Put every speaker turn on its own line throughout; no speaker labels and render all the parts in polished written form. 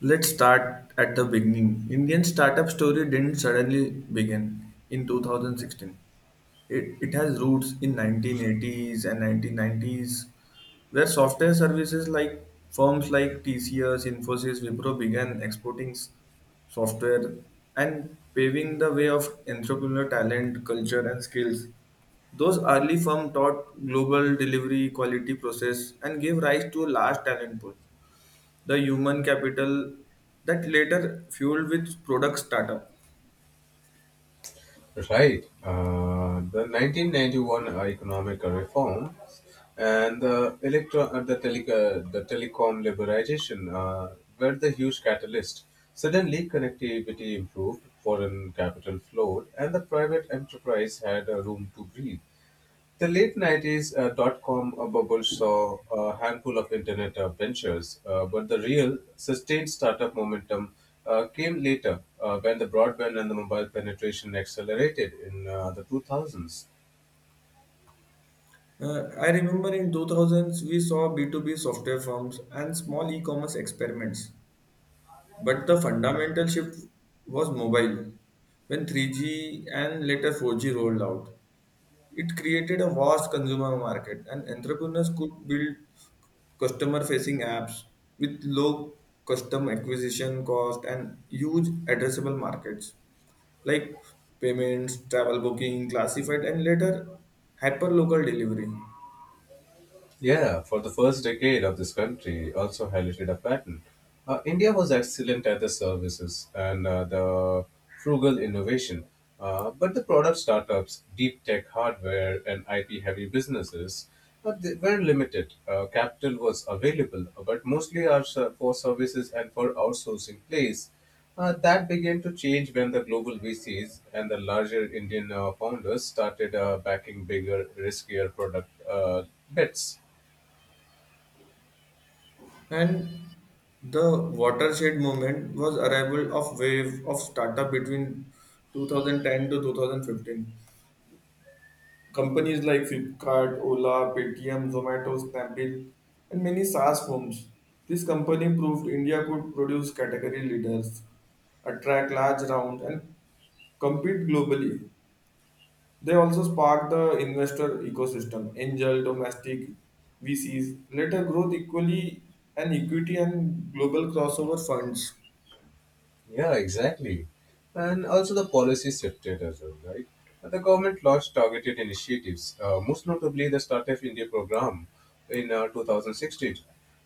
Let's start at the beginning. Indian startup story didn't suddenly begin in 2016. It has roots in 1980s and 1990s, where software services like firms like TCS, Infosys, Wipro began exporting software and paving the way of entrepreneurial talent, culture, and skills. Those early firms taught global delivery quality process and gave rise to a large talent pool the human capital that later fueled with product startup.
Right. The 1991 economic reform and the the telecom liberalization were the huge catalyst. Suddenly, connectivity improved, foreign capital flowed, and the private enterprise had a room to breathe. The late 90s dot com bubble saw a handful of internet ventures, but the real sustained startup momentum came later when the broadband and the mobile penetration accelerated in the 2000s.
I remember in 2000s we saw B2B software firms and small e-commerce experiments, but the fundamental shift was mobile. When 3G and later 4G rolled out, it created a vast consumer market and entrepreneurs could build customer-facing apps with low custom acquisition cost and huge addressable markets. Like payments, travel booking, classified, and later hyperlocal delivery.
Yeah, for the first decade of this country, also highlighted a pattern. India was excellent at the services and the frugal innovation, but the product startups, deep tech hardware, and IP heavy businesses they were limited. Capital was available, but mostly are for services and for outsourcing plays. That began to change when the global VCs and the larger Indian founders started backing bigger, riskier product bets.
And the watershed moment was arrival of wave of startup between 2010 to 2015. Companies like Flipkart, Ola, Paytm, Zomato, Snapdeal, and many SaaS firms. This company proved India could produce category leaders, attract large rounds, and compete globally. They also sparked the investor ecosystem, angel, domestic, VCs, later growth equally and equity and global crossover funds.
Yeah, exactly. And also the policy shifted as well, right? The government launched targeted initiatives, most notably the Startup India program in 2016,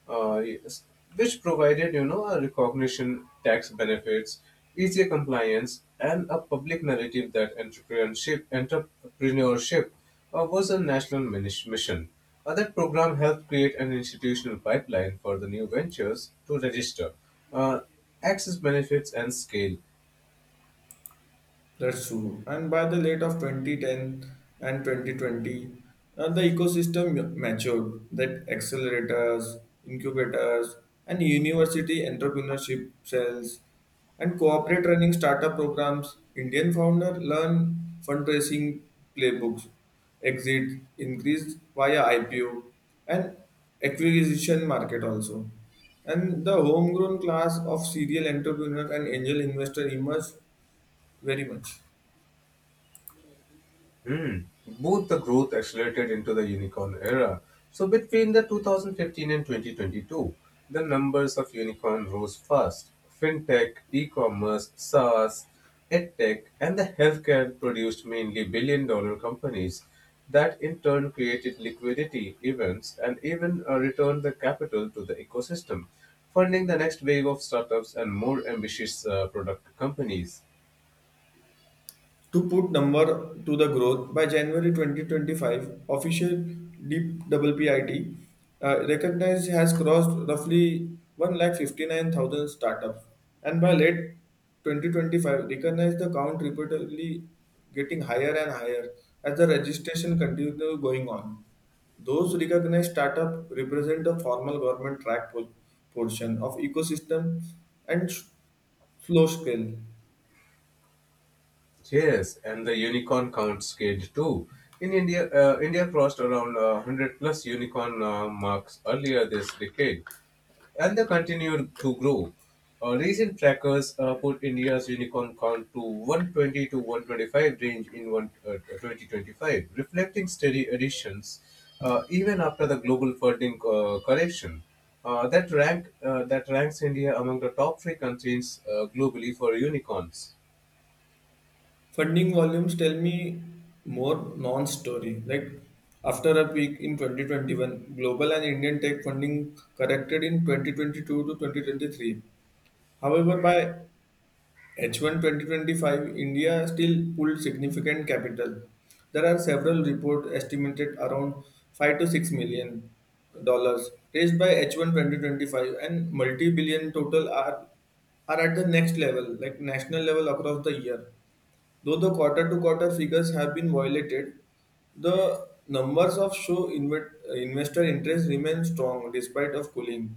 yes, which provided, a recognition, tax benefits, easier compliance, and a public narrative that entrepreneurship was a national mission. That program helped create an institutional pipeline for the new ventures to register. Uh, Access benefits and scale.
That's true. And by the late of 2010 and 2020, the ecosystem matured that accelerators, incubators, and university entrepreneurship cells and corporate running startup programs, Indian founder learn fundraising playbooks, exit increased via IPO and acquisition market also. And the homegrown class of serial entrepreneur and angel investor emerged very much.
Hmm. Both the growth accelerated into the unicorn era. So between the 2015 and 2022, the numbers of unicorn rose fast. Fintech, e-commerce, SaaS, edtech, and the healthcare produced mainly billion-dollar companies that in turn created liquidity events and even returned the capital to the ecosystem, funding the next wave of startups and more ambitious product companies.
To put number to the growth, by January 2025, official DWPIT recognized has crossed roughly 1 lakh 59 thousand startups, and by late 2025, recognized the count repeatedly getting higher and higher as the registration continues going on. Those recognized startup represent the formal government track portion of ecosystem and slow scale.
Yes, and the unicorn count scaled too. In India, India crossed around 100 plus unicorn marks earlier this decade, and they continue to grow. Recent trackers put India's unicorn count to 120 to 125 range in one, 2025, reflecting steady additions even after the global funding correction. That ranks India among the top three countries globally for unicorns.
Funding volumes tell me more non-story. Like after a peak in 2021, global and Indian tech funding corrected in 2022 to 2023. However, by h one 2025, India still pulled significant capital. There are several reports estimated around 5 to $6 million raised by h one 2025, and multi-billion total are at the next level, like national level across the year. Though the quarter-to-quarter figures have been violated, the numbers of show investor interest remain strong despite of cooling.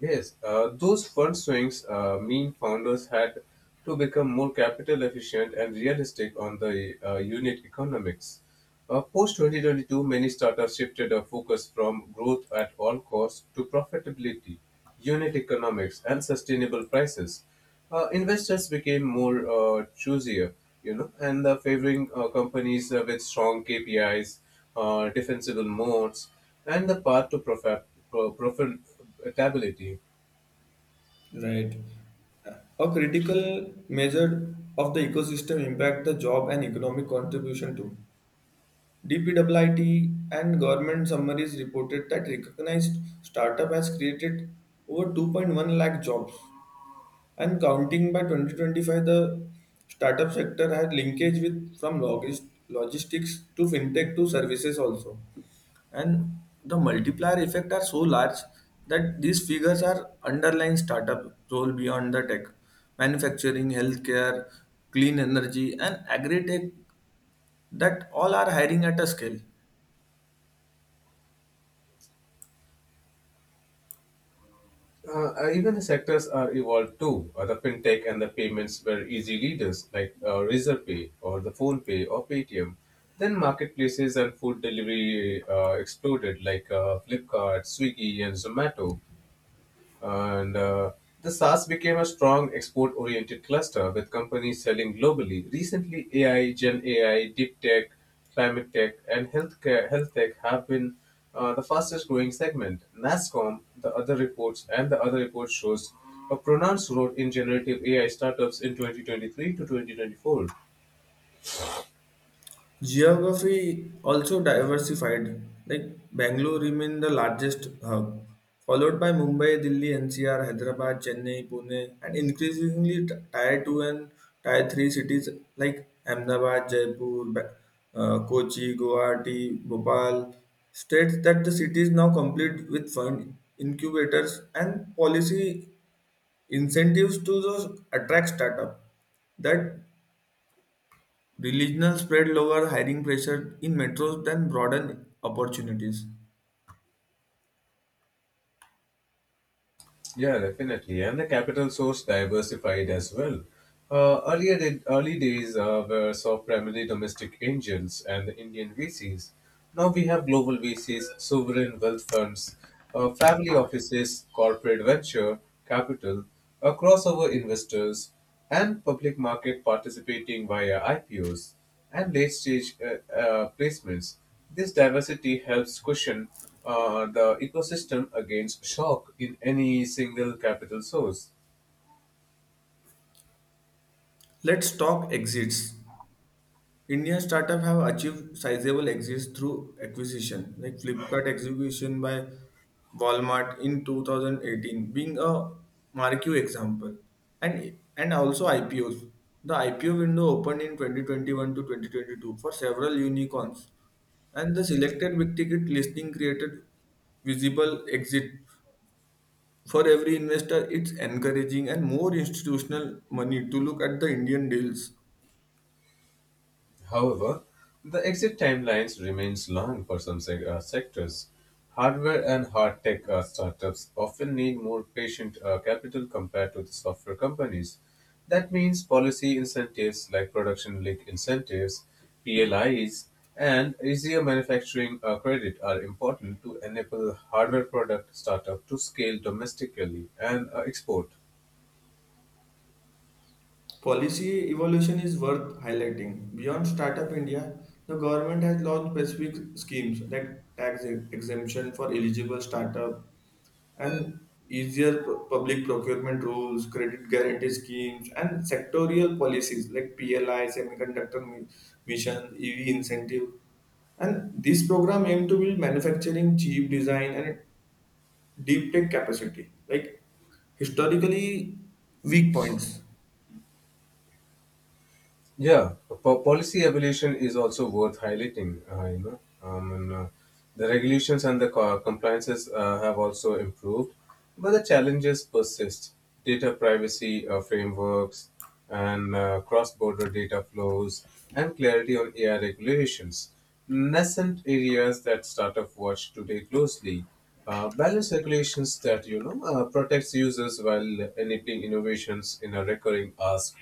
Yes, those fund swings mean founders had to become more capital efficient and realistic on the unit economics. Post 2022, many startups shifted their focus from growth at all costs to profitability, unit economics, and sustainable prices investors became more choosier, and favoring companies with strong KPIs, defensible modes, and the path to profitability.
Right. A critical measure of the ecosystem impact the job and economic contribution to. DPWIT and government summaries reported that recognized startup has created over 2.1 lakh jobs. And counting by 2025, the startup sector had linkage with from logistics to fintech to services also. And the multiplier effect are so large that these figures are underlying startup role beyond the tech, manufacturing, healthcare, clean energy, and agri tech that all are hiring at a scale.
Even the sectors are evolved too. The fintech and the payments were easy leaders like Razorpay or the PhonePay or Paytm. Then marketplaces and food delivery exploded like Flipkart, Swiggy, and Zomato. And the SaaS became a strong export oriented cluster with companies selling globally. Recently, AI, Gen AI, deep tech, climate tech, and healthcare, health tech have been the fastest growing segment. NASCOM, the other reports, and the other report shows a pronounced growth in generative AI startups in 2023 to 2024.
Geography also diversified, like Bangalore remained the largest hub, followed by Mumbai, Delhi, NCR, Hyderabad, Chennai, Pune, and increasingly tier 2 and tier 3 cities like Ahmedabad, Jaipur, Kochi, Guwahati, Bhopal. States that the cities now complete with fund incubators and policy incentives to those attract startup that regional spread lower hiring pressure in metros than broaden opportunities.
Yeah, definitely. And the capital source diversified as well. Earlier, the early days were so primarily domestic angels and the Indian VCs. Now we have global VCs, sovereign wealth funds, family offices, corporate venture capital, crossover investors, and public market participating via IPOs and late stage placements. This diversity helps cushion the ecosystem against shock in any single capital source.
Let's talk exits. Indian startup have achieved sizable exits through acquisition, like Flipkart execution by Walmart in 2018, being a marquee example, and also IPOs. The IPO window opened in 2021 to 2022 for several unicorns, and the selected big ticket listing created visible exit for every investor. It's encouraging and more institutional money to look at the Indian deals.
However, the exit timelines remains long for some sectors. Hardware and hard tech startups often need more patient capital compared to the software companies. That means policy incentives like production link incentives, PLIs, and easier manufacturing credit are important to enable hardware product startup to scale domestically and export.
Policy evolution is worth highlighting. Beyond Startup India, the government has launched specific schemes like tax exemption for eligible startup and easier public procurement rules, credit guarantee schemes, and sectorial policies like PLI, semiconductor mission, EV incentive. And this program aims to build manufacturing, cheap design, and deep tech capacity like historically weak points.
Yeah, policy evolution is also worth highlighting. The regulations and the compliances have also improved, but the challenges persist. Data privacy frameworks and cross-border data flows and clarity on AI regulations, nascent areas that startup watch today closely. Balance regulations that protects users while enabling innovations in a recurring ask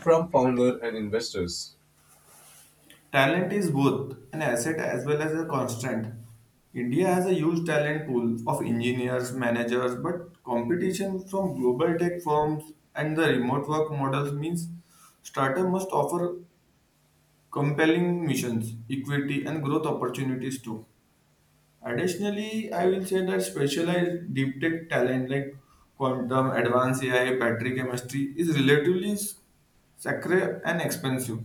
from founder and investors.
Talent is both an asset as well as a constraint. India has a huge talent pool of engineers, managers, but competition from global tech firms and the remote work models means startup must offer compelling missions, equity, and growth opportunities too. Additionally, I will say that specialized deep tech talent like quantum, advanced AI, battery chemistry is relatively sacred and expensive.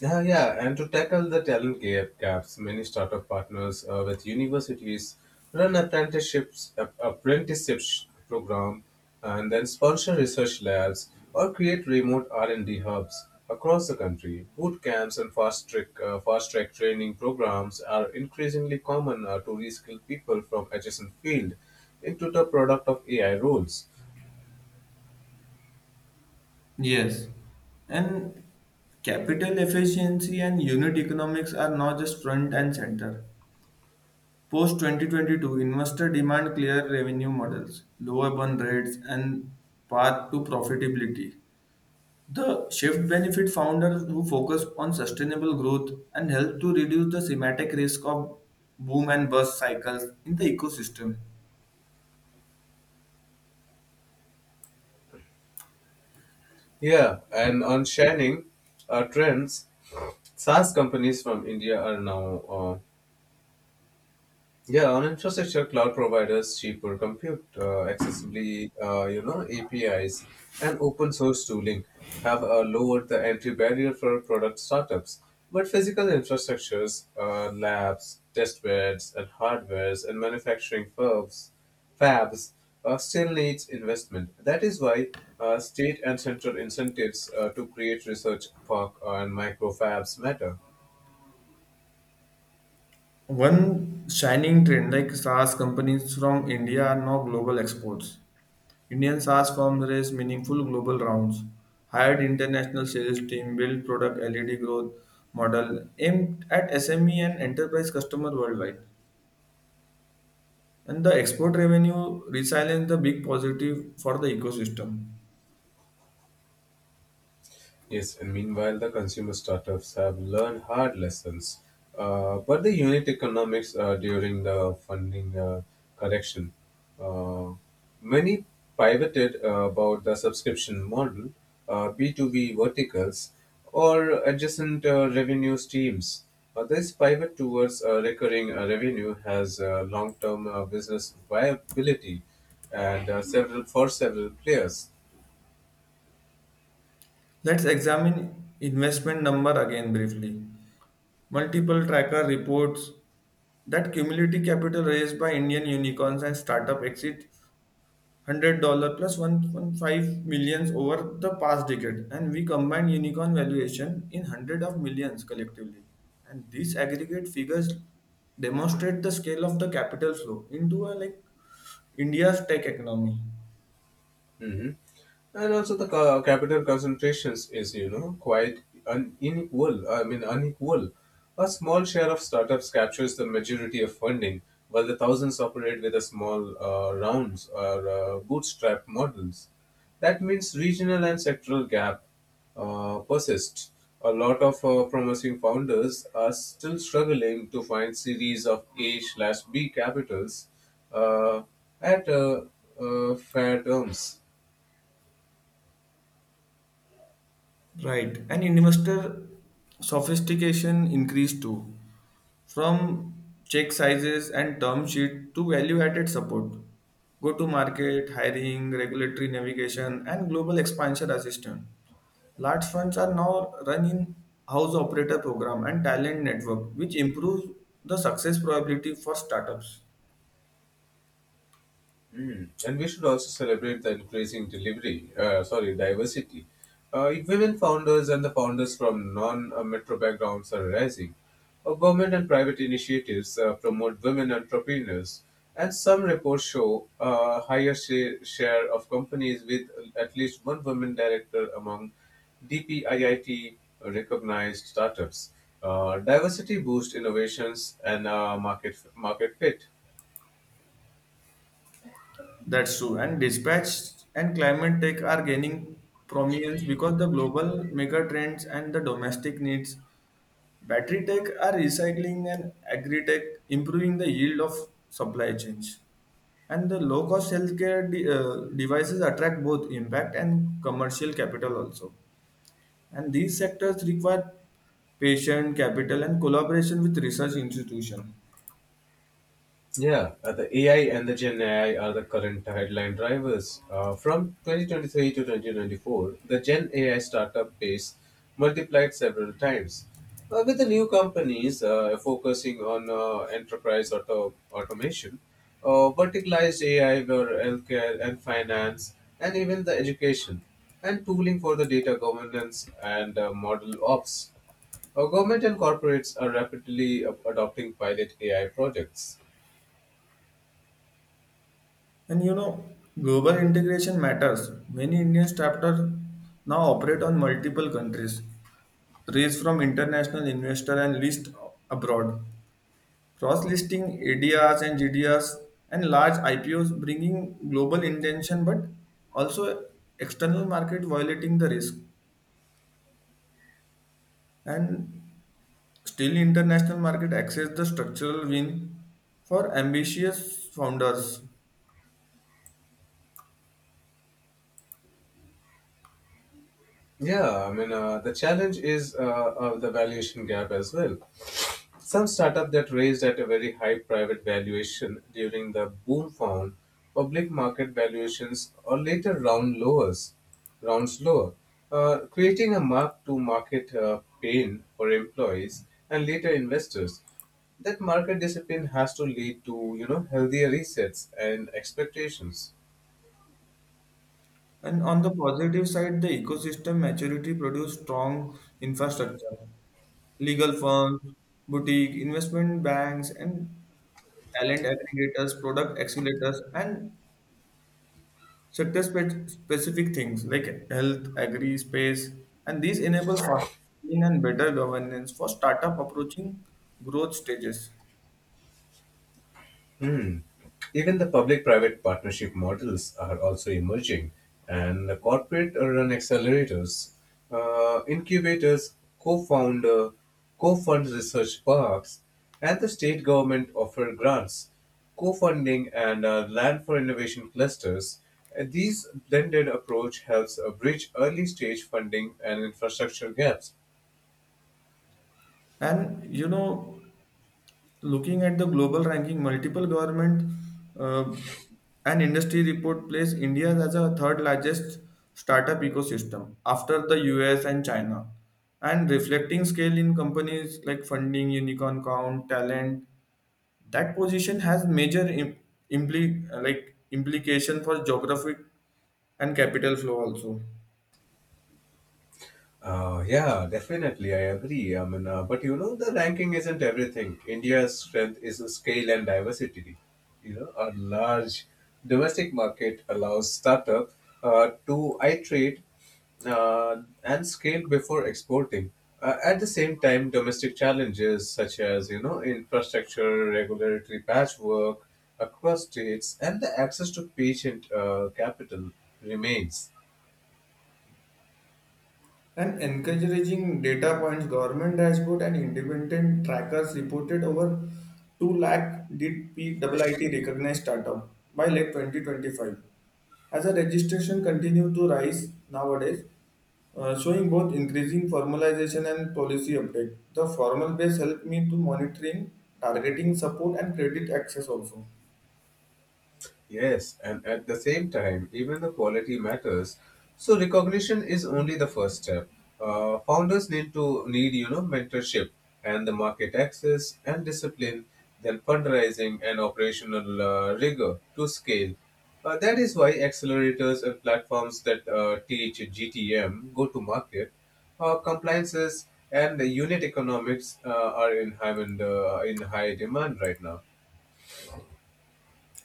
Yeah, yeah, and to tackle the talent gaps, many startup partners with universities run apprenticeships program, and then sponsor research labs or create remote R and D hubs across the country. Boot camps and fast track training programs are increasingly common to reskill people from adjacent field into the product of AI roles.
Yes, and capital efficiency and unit economics are not just front and center. Post 2022, investor demand clear revenue models, lower burn rates, and path to profitability. The shift benefit founders who focus on sustainable growth and help to reduce the thematic risk of boom and bust cycles in the ecosystem.
Yeah, and on shining trends, SaaS companies from India are now yeah, on infrastructure, cloud providers, cheaper compute, accessibly, APIs, and open source tooling have lowered the entry barrier for product startups. But physical infrastructures, labs, test beds, and hardwares, and manufacturing firms, fabs, still needs investment. That is why state and central incentives to create research park and microfabs matter.
One shining trend like SaaS companies from India are now global exports. Indian SaaS firms raise meaningful global rounds, hired international sales team, build product LED growth model aimed at SME and enterprise customer worldwide. And the export revenue resilience the big positive for the ecosystem.
Yes, and meanwhile, the consumer startups have learned hard lessons. But the unit economics during the funding correction, uh, many pivoted about the subscription model, B2B verticals, or adjacent revenue streams. This pivot towards recurring revenue has long-term business viability, and several for several players.
Let's examine investment number again briefly. Multiple tracker reports that cumulative capital raised by Indian unicorns and startup exit $100 plus 1.5 millions over the past decade and we combine unicorn valuation in hundred of millions collectively and these aggregate figures demonstrate the scale of the capital flow into a like India's tech economy.
Hmm. And also the capital concentrations is, quite unequal. I mean, unequal. A small share of startups captures the majority of funding, while the thousands operate with a small rounds or bootstrap models. That means regional and sectoral gap persist. A lot of promising founders are still struggling to find series of A slash B capitals uh, at fair terms.
Right. And investor sophistication increased too, from check sizes and term sheet to value added support, go to market, hiring, regulatory navigation, and global expansion assistance. Large funds are now run in house operator program and talent network, which improves the success probability for startups.
Mm. And we should also celebrate the increasing diversity. If women founders and the founders from non-metro backgrounds are rising. Government and private initiatives promote women entrepreneurs, and some reports show a share of companies with at least one woman director among DPIIT recognized startups. Diversity boosts innovations and market fit.
That's true. And dispatch and climate tech are gaining prominence because the global mega trends and the domestic needs battery tech are recycling and agri tech, improving the yield of supply chains. And the low cost healthcare devices attract both impact and commercial capital also. And these sectors require patient capital and collaboration with research institutions.
Yeah, the AI and the Gen AI are the current headline drivers. From 2023 to 2024, the Gen AI startup base multiplied several times. With the new companies focusing on enterprise automation, verticalized AI for healthcare and finance, and even the education, and tooling for the data governance and model ops. Our government and corporates are rapidly adopting pilot AI projects.
And you know, global integration matters. Many Indian startups now operate on multiple countries, raise from international investor and list abroad. Cross-listing ADRs and GDRs and large IPOs bringing global intention but also external market violating the risk and still international market access the structural win for ambitious founders.
Yeah, I mean, the challenge is the valuation gap as well. Some startup that raised at a very high private valuation during the boom found public market valuations or rounds lower, creating a mark-to-market pain for employees and later investors. That market discipline has to lead to healthier resets and expectations.
And on the positive side the ecosystem maturity produced strong infrastructure, legal firms, boutique investment banks, and talent aggregators, product accelerators, and sector specific things like health, agri, space, and these enable faster scaling and better governance for startup approaching growth stages.
Hmm. Even the public private partnership models are also emerging, and the corporate run accelerators, incubators, co founder, co fund research parks, and the state government offer grants, co funding, and land for innovation clusters. These blended approach helps bridge early stage funding and infrastructure gaps.
And you know, looking at the global ranking, multiple government uh, and industry report place India as a third largest startup ecosystem after the US and China. And reflecting scale in companies like funding, unicorn count, talent, that position has major like implication for geographic and capital flow also.
Yeah, definitely, I agree. I mean, but the ranking isn't everything. India's strength is the scale and diversity. A large domestic market allows startup to iterate and scale before exporting. At the same time, domestic challenges such as infrastructure, regulatory patchwork across states, and the access to patient capital remains.
And encouraging data points government dashboard and independent trackers reported over 2 lakh did PIIT recognized startup by late 2025 as a registration continue to rise nowadays, showing both increasing formalization and policy update the formal base helped me to monitoring targeting support and credit access also.
Yes, and at the same time, even the quality matters. So recognition is only the first step. Founders need mentorship and the market access and discipline, then fundraising and operational rigor to scale. That is why accelerators and platforms that teach GTM, go to market, compliances and the unit economics are in high demand right now.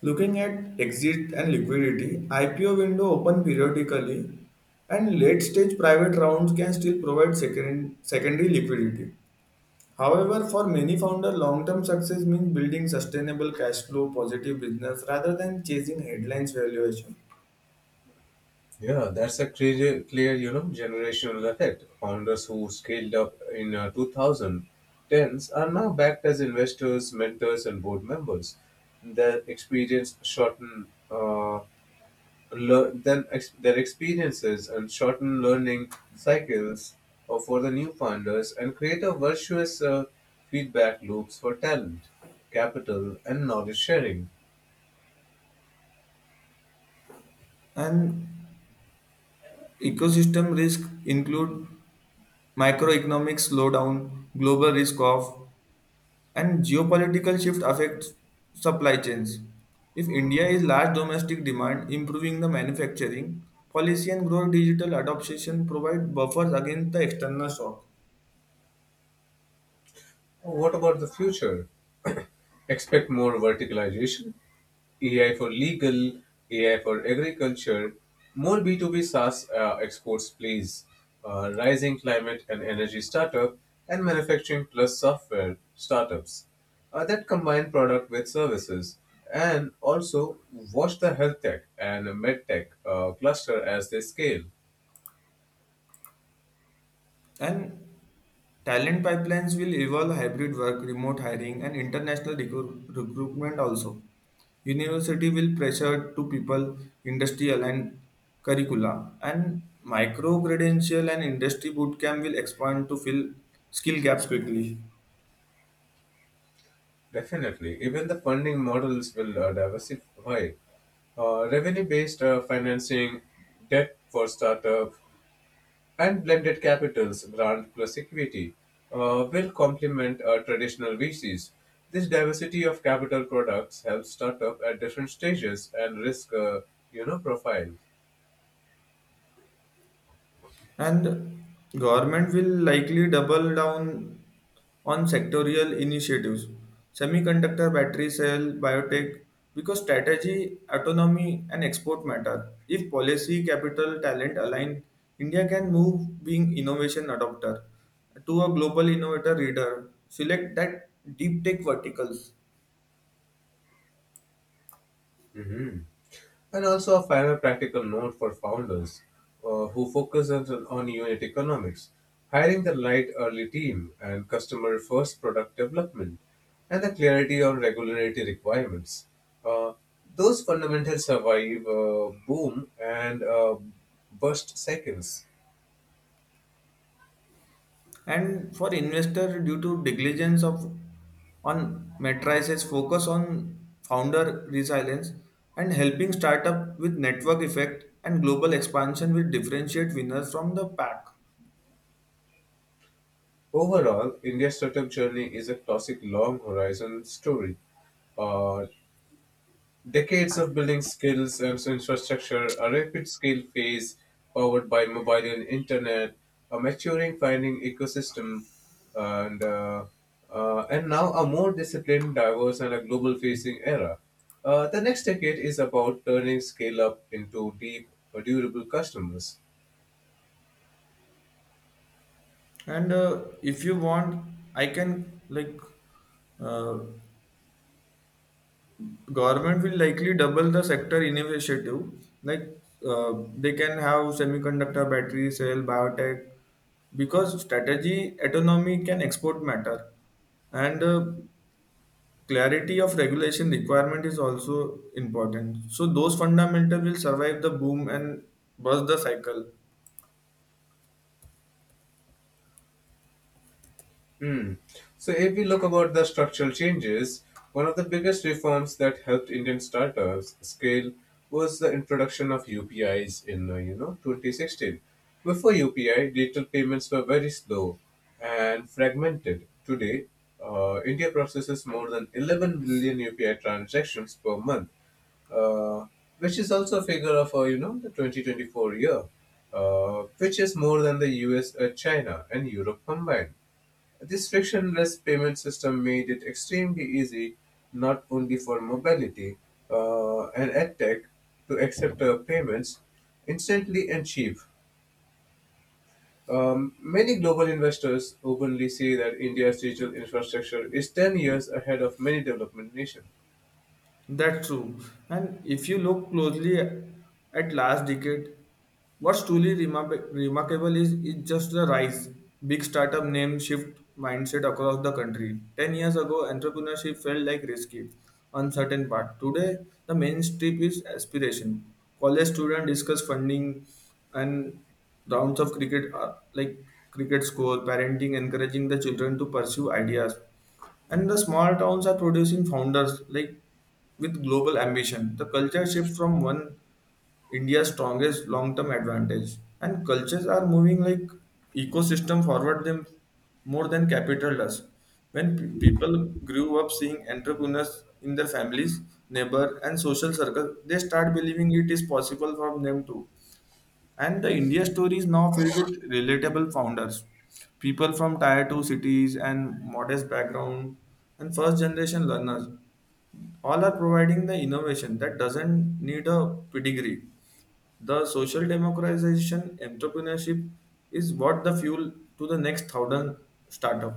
Looking at exit and liquidity, IPO window open periodically and late stage private rounds can still provide secondary liquidity. However, for many founder, long-term success means building sustainable cash flow, positive business rather than chasing headlines valuation.
Yeah, that's a clear, generational effect. Founders who scaled up in 2010s are now backed as investors, mentors, and board members. Their experience shorten, uh, their experiences and shorten learning cycles for the new founders and create a virtuous feedback loops for talent, capital, and knowledge sharing.
And ecosystem risk include microeconomic slowdown, global risk off, and geopolitical shift affects supply chains. If India is large domestic demand, improving the manufacturing policy and grow digital adoption provide buffers against the external shock.
What about the future? Expect more verticalization, AI for legal, AI for agriculture, more B2B SaaS exports, please, rising climate and energy startup, and manufacturing plus software startups that combine product with services. And also, watch the health tech and med tech cluster as they scale.
And talent pipelines will evolve hybrid work, remote hiring, and international recruitment also. University will pressure to people, industrial and curricula, and micro credential and industry bootcamp will expand to fill skill gaps quickly.
Definitely. Even the funding models will diversify. Revenue based financing, debt for startup, and blended capitals, grant plus equity, will complement traditional VCs. This diversity of capital products helps startup at different stages and risk, profile.
And government will likely double down on sectorial initiatives semiconductor battery cell biotech because strategy autonomy and export matter if policy capital talent align India can move being innovation adopter to a global innovator leader select that deep tech verticals.
Hmm. And also a final practical note for founders who focus on unit economics, hiring the right early team and customer first product development and the clarity on regulatory requirements. Uh, those fundamentals survive boom and burst seconds.
And for investor due to negligence of on matrices focus on founder resilience and helping startup with network effect and global expansion will differentiate winners from the pack.
Overall, India's startup journey is a classic long horizon story. uh, Decades of building skills and infrastructure, a rapid scale phase powered by mobile and internet, a maturing finding ecosystem, and uh, and now a more disciplined, diverse, and a global facing era. The next decade is about turning scale up into deep, durable customers.
And if you want I can like uh, government will likely double the sector initiative like they can have semiconductor battery cell biotech because strategy autonomy can export matter and clarity of regulation requirement is also important so those fundamental will survive the boom and burst the cycle.
Hmm. So if we look about the structural changes, one of the biggest reforms that helped Indian startups scale was the introduction of UPIs in 2016. Before UPI, digital payments were very slow and fragmented. Today, India processes more than 11 billion UPI transactions per month, uh, which is also a figure of the 2024 year, which is more than the US, China, and Europe combined. This frictionless payment system made it extremely easy, not only for mobility and edtech, to accept payments instantly and cheap. Many global investors openly say that India's digital infrastructure is 10 years ahead of many development nations.
That's true. And if you look closely at last decade, what's truly remarkable is just the rise. Big startup name shift mindset across the country. 10 years ago, entrepreneurship felt like risky, uncertain path. Today, the mainstream is aspiration. College students discuss funding and rounds of cricket, like cricket score, parenting, encouraging the children to pursue ideas and the small towns are producing founders like with global ambition. The culture shift from one India's strongest long-term advantage. And cultures are moving like ecosystem forward them more than capital does. When people grew up seeing entrepreneurs in their families, neighbor, and social circle, they start believing it is possible for them too. And the India story is now filled with relatable founders, people from tier 2 cities and modest background and first generation learners. All are providing the innovation that doesn't need a pedigree. The social democratization entrepreneurship is what the fuel to the next thousand startup.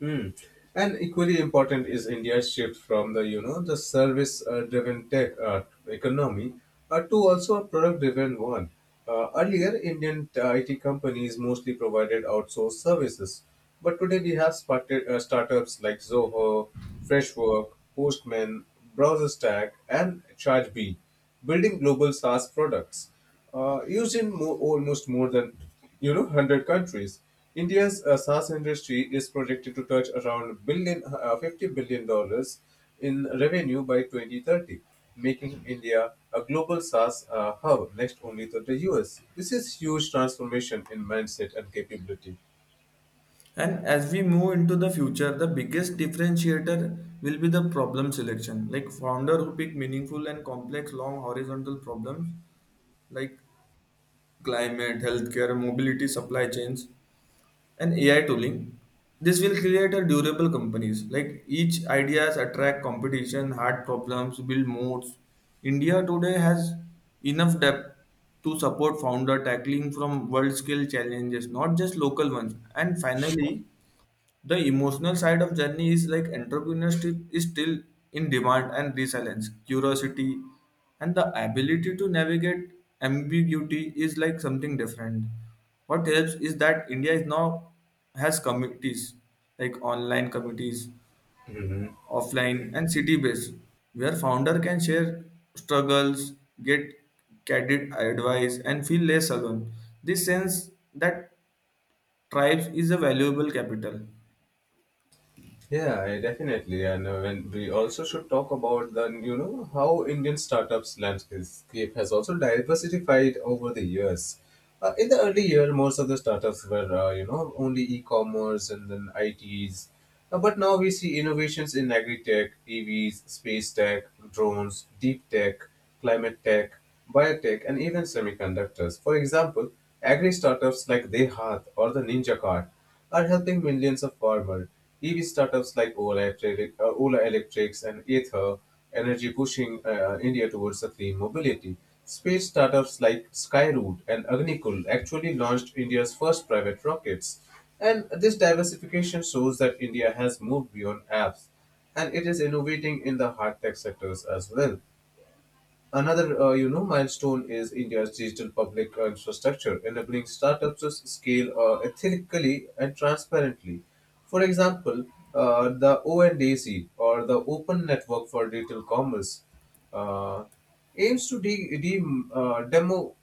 Mm. And equally important is India's shift from the you know the service driven tech economy to also a product driven one. Earlier, Indian IT companies mostly provided outsourced services, but today we have spotted, startups like Zoho, Freshwork, Postman, BrowserStack, and ChargeBee building global SaaS products used in almost more than 100 countries. India's SaaS industry is projected to touch around 50 billion dollars in revenue by 2030, making India a global SaaS hub next only to the US. This is huge transformation in mindset and capability.
And as we move into the future, the biggest differentiator will be the problem selection, like founder who pick meaningful and complex long horizontal problems like climate, healthcare, mobility, supply chains, and AI tooling. This will create a durable companies. Like each ideas attract competition, hard problems, build modes. India today has enough depth to support founder tackling from world scale challenges, not just local ones. And finally, the emotional side of journey is like entrepreneurship is still in demand and resilience, curiosity, and the ability to navigate ambiguity is like something different. What helps is that India is now has committees like online committees, offline and city based, where founder can share struggles, get candid advice, and feel less alone. This sense that tribes is a valuable capital.
Yeah, I definitely. And when we also should talk about the, how Indian startups landscape has also diversified over the years. In the early year, most of the startups were, only e-commerce and then ITs. But now we see innovations in agri-tech, EVs, space tech, drones, deep tech climate tech, biotech, and even semiconductors. For example, agri startups like Dehaat or the Ninja Cart are helping millions of farmers. EV startups like Ola, Electric, Ola Electrics and Ether Energy pushing India towards a clean mobility. Space startups like Skyroot and Agnikul actually launched India's first private rockets. And this diversification shows that India has moved beyond apps and it is innovating in the hard tech sectors as well. Another, milestone is India's digital public infrastructure, enabling startups to scale ethically and transparently. For example, the ONDC or the Open Network for Digital Commerce uh, aims to de- de- demo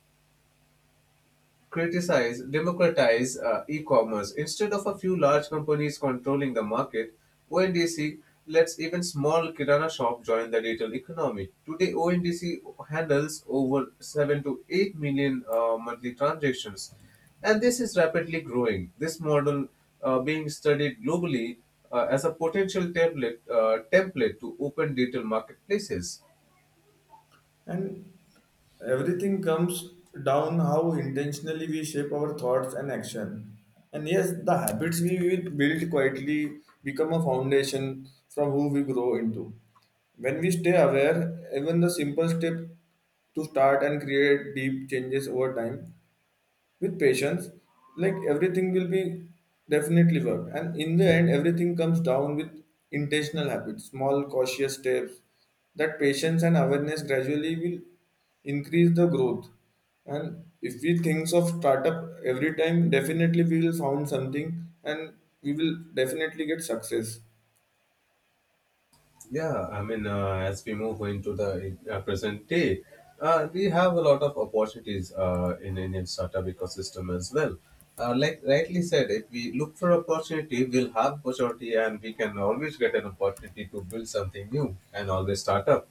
criticize, democratize e-commerce. Instead of a few large companies controlling the market, ONDC lets even small kirana shop join the digital economy. Today, ONDC handles over 7 to 8 million monthly transactions, and this is rapidly growing. This model being studied globally as a potential template to open digital marketplaces.
And everything comes down how intentionally we shape our thoughts and action. And yes, the habits we will build quietly become a foundation from who we grow into. When we stay aware, even the simple step to start and create deep changes over time with patience like everything will be definitely work and in the end everything comes down with intentional habits small cautious steps that patience and awareness gradually will increase the growth and if we think of startup every time definitely we will found something and we will definitely get success.
Yeah, I mean, as we move into the present day, we have a lot of opportunities in Indian startup ecosystem as well. Like rightly said, if we look for opportunity, we'll have opportunity, and we can always get an opportunity to build something new and always start up.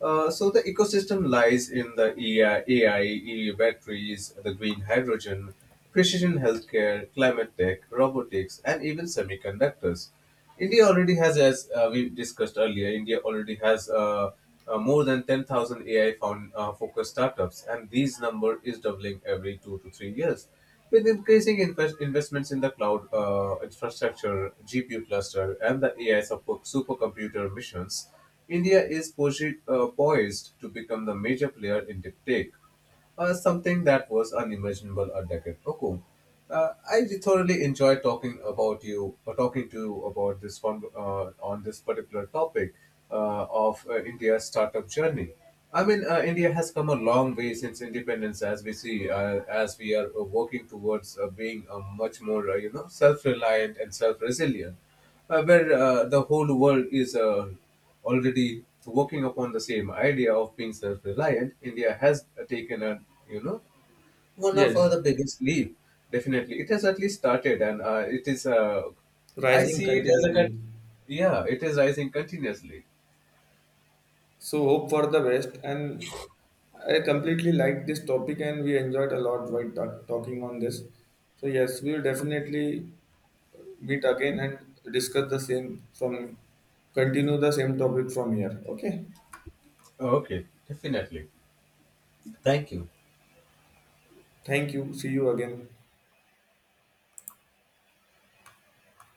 So the ecosystem lies in the AI, batteries, the green hydrogen, precision healthcare, climate tech, robotics, and even semiconductors. India already has, as we discussed earlier, India already has more than 10,000 AI focused startups, and these number is doubling every 2 to 3 years. With increasing investments in the cloud infrastructure, GPU cluster, and the AI supercomputer missions, India is poised to become the major player in deep tech, something that was unimaginable a decade ago. I thoroughly enjoy talking about you, or talking to you about on this particular topic of India's startup journey. I mean, India has come a long way since independence, as we see, as we are working towards being much more, self-reliant and self-resilient, where the whole world is already working upon the same idea of being self-reliant. India has taken a, you know, one of
Yes,
the biggest leap. Definitely, it has at least started, and it is. I
rising
see it as a, con-
continually.
Yeah, it is rising continuously.
So hope for the best. And I completely like this topic, and we enjoyed a lot while talking on this. So yes, we will definitely meet again and discuss the same from continue the same topic from here. Okay.
Okay, definitely. Thank you.
Thank you. See you again.